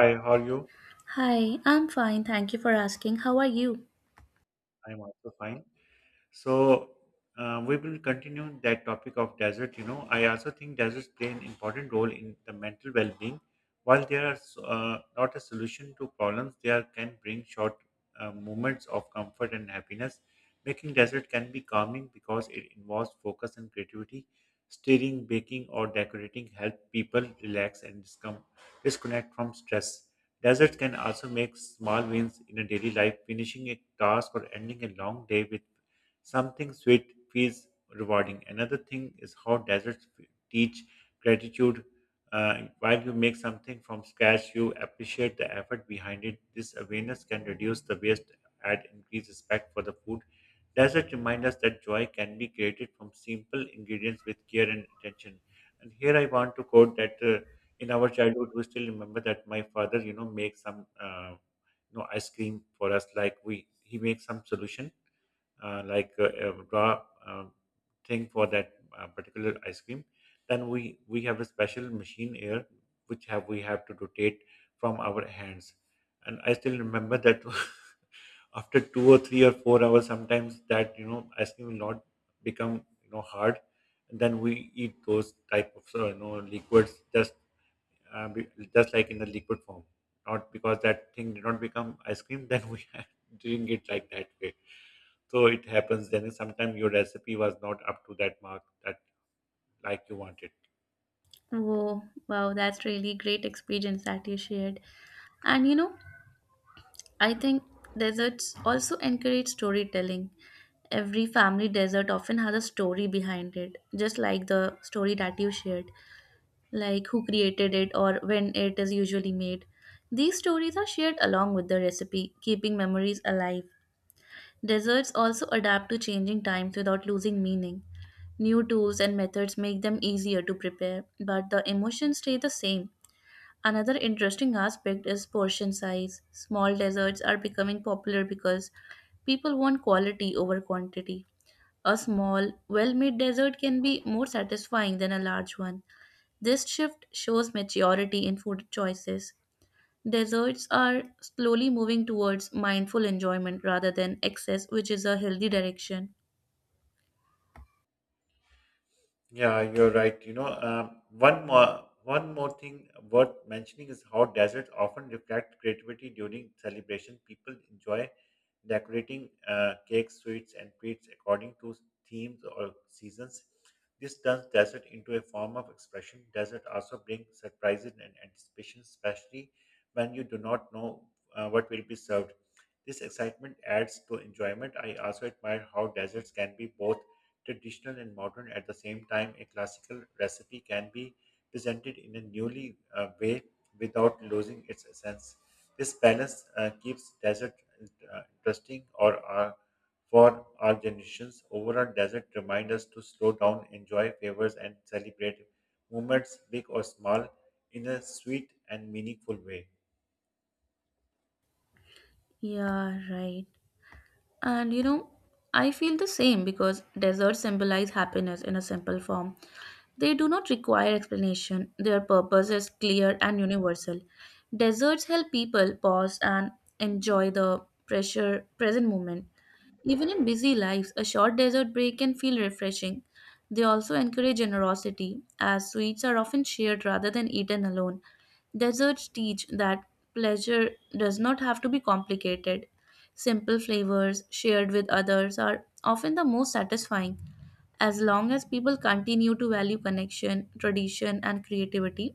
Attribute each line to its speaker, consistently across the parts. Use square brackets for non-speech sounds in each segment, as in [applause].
Speaker 1: Hi, how are you?
Speaker 2: Hi, I'm fine. Thank you for asking. How are you?
Speaker 1: I'm also fine. So we will continue that topic of desert. You know, I also think deserts play an important role in the mental well-being. While they are not a solution to problems, they are, can bring short moments of comfort and happiness. Making desert can be calming because it involves focus and creativity. Steering, baking, or decorating help people relax and disconnect from stress. Deserts can also make small wins in a daily life, finishing a task or ending a long day with something sweet feels rewarding. Another thing is how deserts teach gratitude. While you make something from scratch, you appreciate the effort behind it. This awareness can reduce the waste and increase respect for the food. Deserts remind us that joy can be created from simple ingredients with care and attention. And here I want to quote that in our childhood, we still remember that my father, makes some ice cream for us, like we he makes some solution like raw thing for that particular ice cream. Then we have a special machine here which have we have to rotate from our hands. And I still remember that, [laughs] after 2 or 3 or 4 hours sometimes that ice cream will not become hard, and then we eat those type of liquids, uh, be- just like in the liquid form, not because that thing did not become ice cream, then we [laughs] drink it like that way. So it happens, then sometimes your recipe was not up to that mark that like you wanted.
Speaker 2: Whoa, wow, that's really great experience that you shared. And you know, I think deserts also encourage storytelling. Every family desert often has a story behind it, just like the story that you shared, like who created it or when it is usually made. These stories are shared along with the recipe, keeping memories alive. Desserts also adapt to changing times without losing meaning. New tools and methods make them easier to prepare, but the emotions stay the same. Another interesting aspect is portion size. Small desserts are becoming popular because people want quality over quantity. A small, well made dessert can be more satisfying than a large one. This shift shows maturity in food choices. Desserts are slowly moving towards mindful enjoyment rather than excess, which is a healthy direction.
Speaker 1: Yeah, you're right. You know, one more thing worth mentioning is how deserts often reflect creativity during celebration. People enjoy decorating cakes, sweets, and treats according to themes or seasons. This turns desert into a form of expression. Desert also brings surprises and anticipation, especially when you do not know what will be served. This excitement adds to enjoyment. I also admire how deserts can be both traditional and modern at the same time. A classical recipe can be presented in a newly way without losing its essence. This balance keeps desert interesting or for our generations. Overall, desert reminds us to slow down, enjoy favors, and celebrate moments, big or small, in a sweet and meaningful way.
Speaker 2: Yeah, right. And you know, I feel the same because desserts symbolize happiness in a simple form. They do not require explanation, their purpose is clear and universal. Desserts help people pause and enjoy the pressure present moment. Even in busy lives, a short dessert break can feel refreshing. They also encourage generosity, as sweets are often shared rather than eaten alone. Desserts teach that pleasure does not have to be complicated. Simple flavors shared with others are often the most satisfying. As long as people continue to value connection, tradition, and creativity,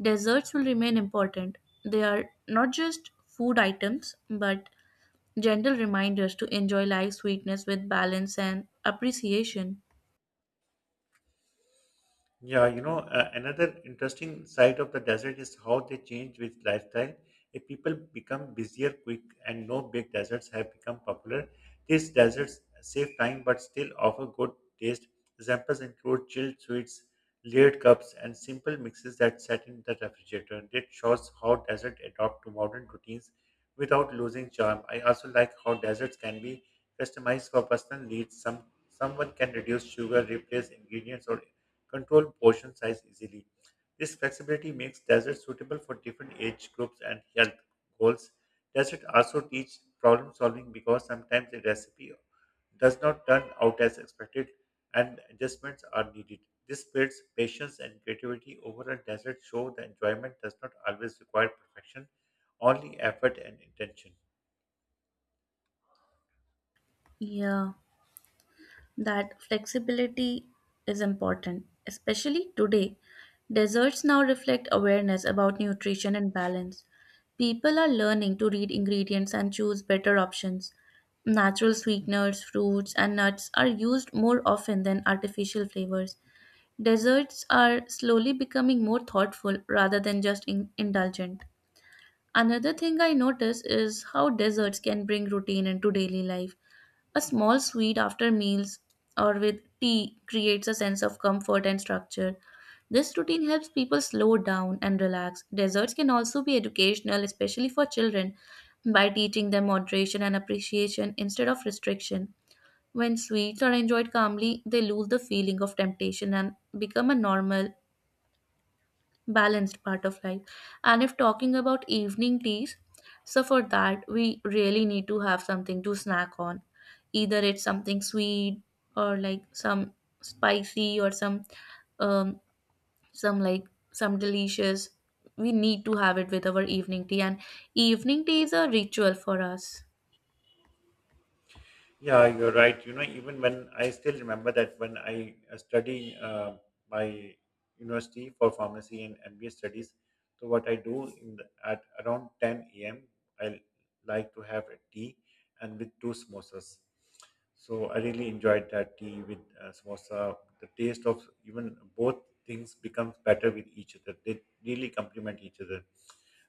Speaker 2: desserts will remain important. They are not just food items, but gentle reminders to enjoy life's sweetness with balance and appreciation.
Speaker 1: Yeah, another interesting side of the desert is how they change with lifestyle. If people become busier quick and no big deserts have become popular, these deserts save time but still offer good taste. Examples include chilled sweets, layered cups, and simple mixes that set in the refrigerator. It shows how deserts adopt to modern routines without losing charm. I also like how deserts can be customized for personal needs. Someone can reduce sugar, replace ingredients, or control portion size easily. This flexibility makes deserts suitable for different age groups and health goals. Deserts also teach problem solving because sometimes a recipe does not turn out as expected and adjustments are needed. This builds patience and creativity over a desert show that enjoyment does not always require perfection, only effort and intention.
Speaker 2: Yeah, that flexibility is important, especially today. Desserts now reflect awareness about nutrition and balance. People are learning to read ingredients and choose better options. Natural sweeteners, fruits, and nuts are used more often than artificial flavors. Desserts are slowly becoming more thoughtful rather than just indulgent. Another thing I notice is how desserts can bring routine into daily life. A small sweet after meals or with tea creates a sense of comfort and structure. This routine helps people slow down and relax. Desserts can also be educational, especially for children, by teaching them moderation and appreciation instead of restriction. When sweets are enjoyed calmly, they lose the feeling of temptation and become a normal, balanced part of life. And if talking about evening teas, so for that we really need to have something to snack on. Either it's something sweet or like some spicy or um some like some delicious. We need to have it with our evening tea, and evening tea is a ritual for us.
Speaker 1: Yeah, you're right. You know, even when I still remember that when I study my university for pharmacy and MBA studies, so what I do at around 10 a.m. I like to have a tea and with two samosas. So I really enjoyed that tea with samosa. The taste of even both things becomes better with each other. They really complement each other.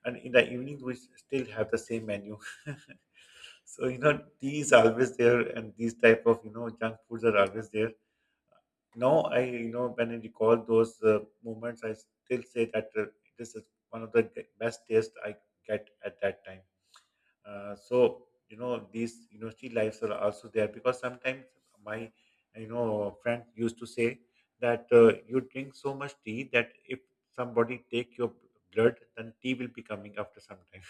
Speaker 1: And in the evening, we still have the same menu. [laughs] So tea is always there, and these type of junk foods are always there. Now I you know when I recall those moments, I still say that this is one of the best taste I get at that time. So these university lives are also there, because sometimes my friend used to say that you drink so much tea that if somebody take your blood, then tea will be coming after some time.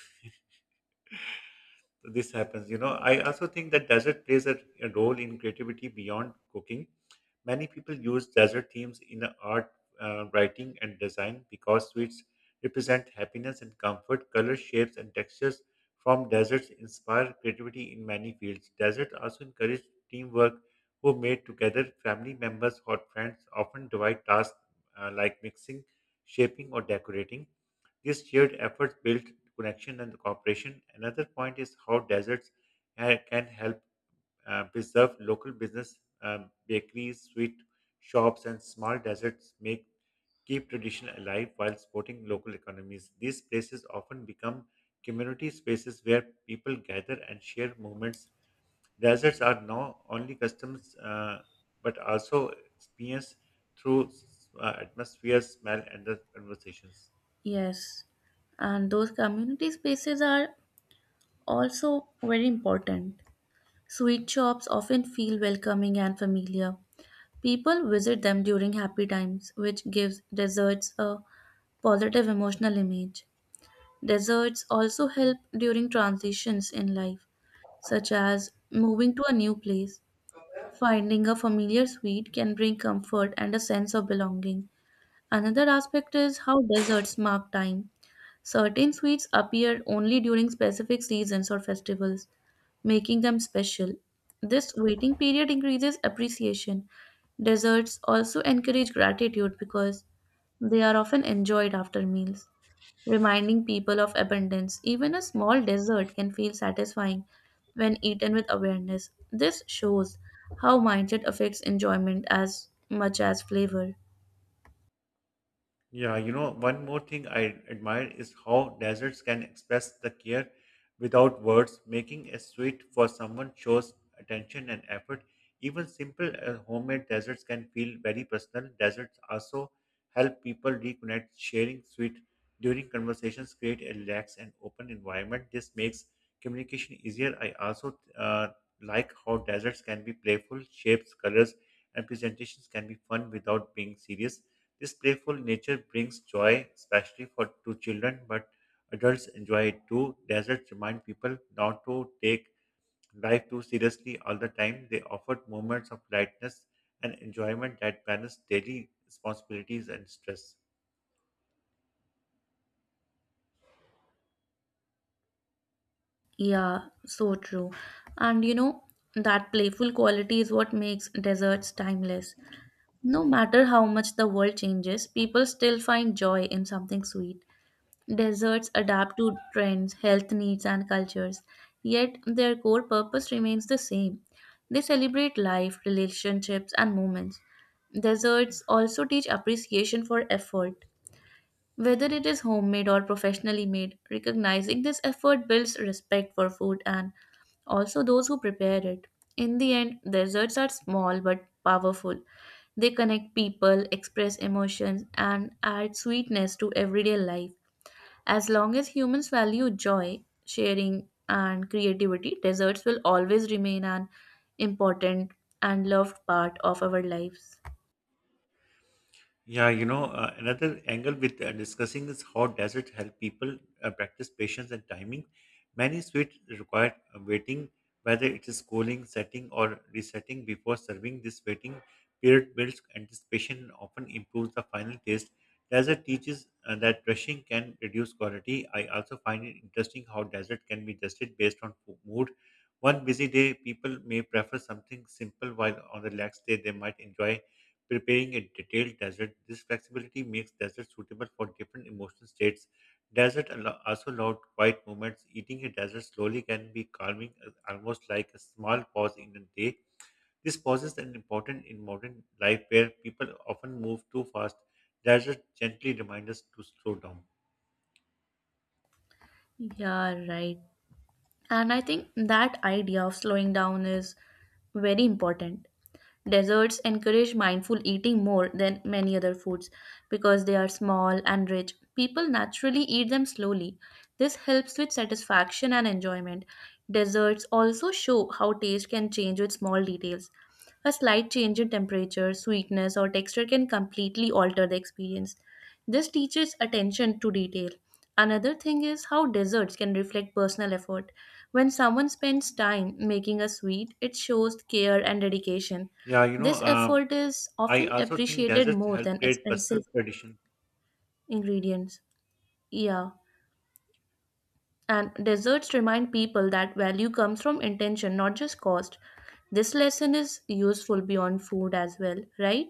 Speaker 1: This happens. You know, I also think that desert plays a role in creativity beyond cooking. Many people use desert themes in art, writing, and design because sweets represent happiness and comfort. Color, shapes, and textures from deserts inspire creativity in many fields. Deserts also encourage teamwork, who made together family members or friends often divide tasks like mixing, shaping, or decorating. These shared efforts build connection and cooperation. Another point is how deserts can help preserve local business, bakeries, sweet shops, and small deserts make keep tradition alive while supporting local economies. These places often become community spaces where people gather and share moments. Deserts are not only customs but also experienced through atmosphere, smell, and the conversations.
Speaker 2: Yes. And those community spaces are also very important. Sweet shops often feel welcoming and familiar. People visit them during happy times, which gives deserts a positive emotional image. Deserts also help during transitions in life, such as moving to a new place. Finding a familiar sweet can bring comfort and a sense of belonging. Another aspect is how desserts mark time. Certain sweets appear only during specific seasons or festivals, making them special. This waiting period increases appreciation. Desserts also encourage gratitude because they are often enjoyed after meals, reminding people of abundance. Even a small dessert can feel satisfying when eaten with awareness. This shows how mindset affects enjoyment as much as flavor.
Speaker 1: Yeah, you know, one more thing I admire is how deserts can express the care without words. Making a sweet for someone shows attention and effort. Even simple homemade desserts can feel very personal. Deserts also help people reconnect. Sharing sweet during conversations create a relaxed and open environment. This makes communication easier. I also like how deserts can be playful. Shapes, colors, and presentations can be fun without being serious. This playful nature brings joy, especially for to children, but adults enjoy it too. Deserts remind people not to take life too seriously all the time. They offer moments of lightness and enjoyment that balance daily responsibilities and stress.
Speaker 2: Yeah, so true. And you know, that playful quality is what makes desserts timeless. No matter how much the world changes, people still find joy in something sweet. Desserts adapt to trends, health needs, and cultures, yet their core purpose remains the same. They celebrate life, relationships, and moments. Desserts also teach appreciation for effort. Whether it is homemade or professionally made, recognizing this effort builds respect for food and also those who prepare it. In the end, desserts are small but powerful. They connect people, express emotions, and add sweetness to everyday life. As long as humans value joy, sharing, and creativity, desserts will always remain an important and loved part of our lives.
Speaker 1: Yeah, another angle with discussing is how desert help people practice patience and timing. Many sweets require waiting, whether it is cooling, setting, or resetting before serving. This waiting period builds anticipation and often improves the final taste. Desert teaches that rushing can reduce quality. I also find it interesting how desert can be adjusted based on mood. One busy day, people may prefer something simple, while on the relaxed day, they might enjoy preparing a detailed desert. This flexibility makes desserts suitable for different emotional states. Desert also allows quiet moments. Eating a dessert slowly can be calming, almost like a small pause in a day. This pause is an important in modern life where people often move too fast. Desert gently remind us to slow down.
Speaker 2: Yeah, right. And I think that idea of slowing down is very important. Desserts encourage mindful eating more than many other foods because they are small and rich. People naturally eat them slowly. This helps with satisfaction and enjoyment. Desserts also show how taste can change with small details. A slight change in temperature, sweetness, or texture can completely alter the experience. This teaches attention to detail. Another thing is how desserts can reflect personal effort. When someone spends time making a sweet, it shows care and dedication.
Speaker 1: Yeah,
Speaker 2: This effort is
Speaker 1: I
Speaker 2: often
Speaker 1: also think
Speaker 2: appreciated
Speaker 1: deserts
Speaker 2: more
Speaker 1: help
Speaker 2: than
Speaker 1: create personal
Speaker 2: expensive
Speaker 1: tradition.
Speaker 2: ingredients. Yeah. And desserts remind people that value comes from intention, not just cost. This lesson is useful beyond food as well, right?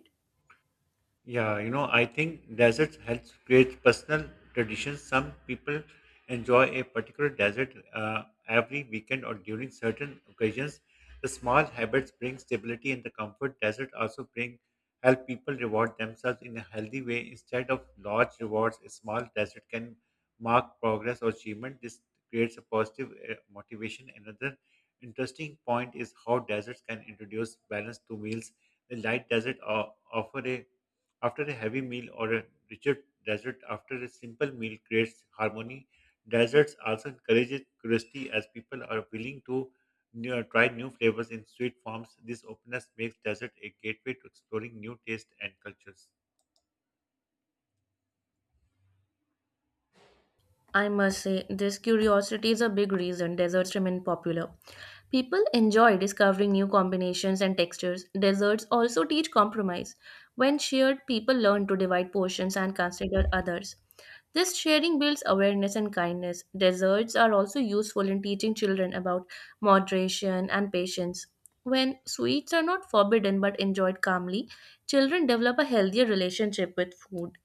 Speaker 1: Yeah, I think deserts helps create personal traditions. Some people enjoy a particular desert every weekend or during certain occasions. The small habits bring stability and the comfort. Desert also bring help people reward themselves in a healthy way instead of large rewards. A small desert can mark progress or achievement. This creates a positive motivation. Another interesting point is how deserts can introduce balance to meals. The light desert offer a after a heavy meal or a richer dessert after a simple meal creates harmony. Desserts also encourages curiosity as people are willing to try new flavors in sweet forms. This openness makes dessert a gateway to exploring new tastes and cultures.
Speaker 2: I must say, this curiosity is a big reason desserts remain popular. People enjoy discovering new combinations and textures. Desserts also teach compromise. When shared, people learn to divide portions and consider others. This sharing builds awareness and kindness. Desserts are also useful in teaching children about moderation and patience. When sweets are not forbidden but enjoyed calmly, children develop a healthier relationship with food.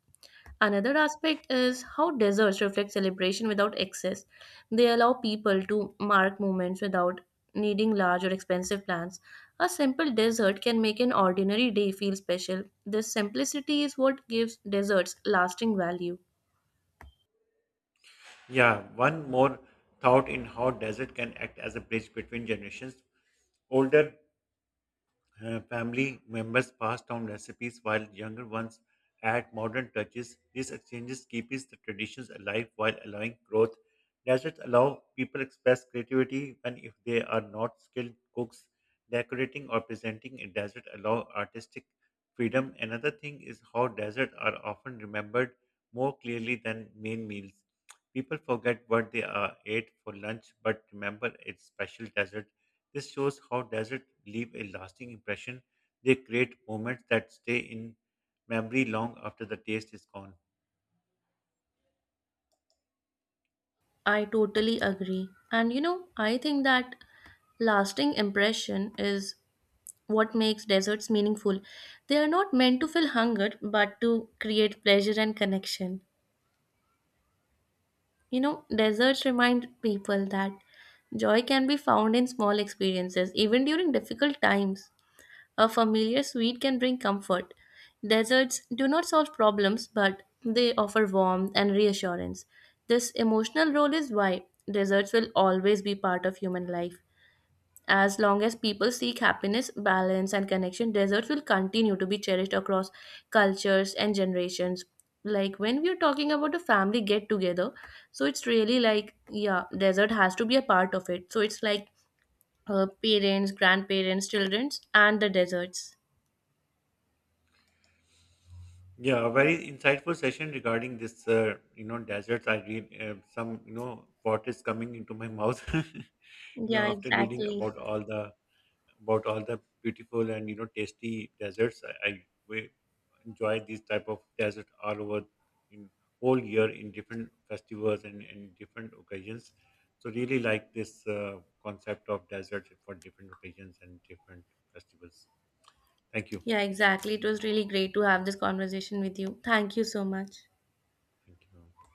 Speaker 2: Another aspect is how deserts reflect celebration without excess. They allow people to mark moments without needing large or expensive plans. A simple dessert can make an ordinary day feel special. This simplicity is what gives desserts lasting value.
Speaker 1: Yeah, one more thought in how desert can act as a bridge between generations. Older family members pass down recipes while younger ones add modern touches. These exchanges keeps the traditions alive while allowing growth. Deserts allow people express creativity when if they are not skilled cooks. Decorating or presenting a desert allow artistic freedom. Another thing is how deserts are often remembered more clearly than main meals. People forget what they are ate for lunch but remember its special desert. This shows how deserts leave a lasting impression. They create moments that stay in memory long after the taste is gone.
Speaker 2: I totally agree. And you know, I think that lasting impression is what makes desserts meaningful. They are not meant to fill hunger but to create pleasure and connection. You know, deserts remind people that joy can be found in small experiences, even during difficult times. A familiar sweet can bring comfort. Deserts do not solve problems, but they offer warmth and reassurance. This emotional role is why deserts will always be part of human life. As long as people seek happiness, balance, and connection, deserts will continue to be cherished across cultures and generations. Like when we are talking about a family get together, so it's really like, yeah, desert has to be a part of it. So it's like parents, grandparents, childrens, and the deserts.
Speaker 1: Yeah, a very insightful session regarding this. Deserts. I read some. You know, pot is coming into my mouth. [laughs]
Speaker 2: Yeah,
Speaker 1: After reading
Speaker 2: exactly.
Speaker 1: about all the beautiful and tasty deserts. I we enjoy these type of desert all over in whole year in different festivals and in different occasions. So really like this concept of desert for different occasions and different festivals. Thank you.
Speaker 2: Yeah, exactly. It was really great to have this conversation with you. Thank you so much.
Speaker 1: Thank you.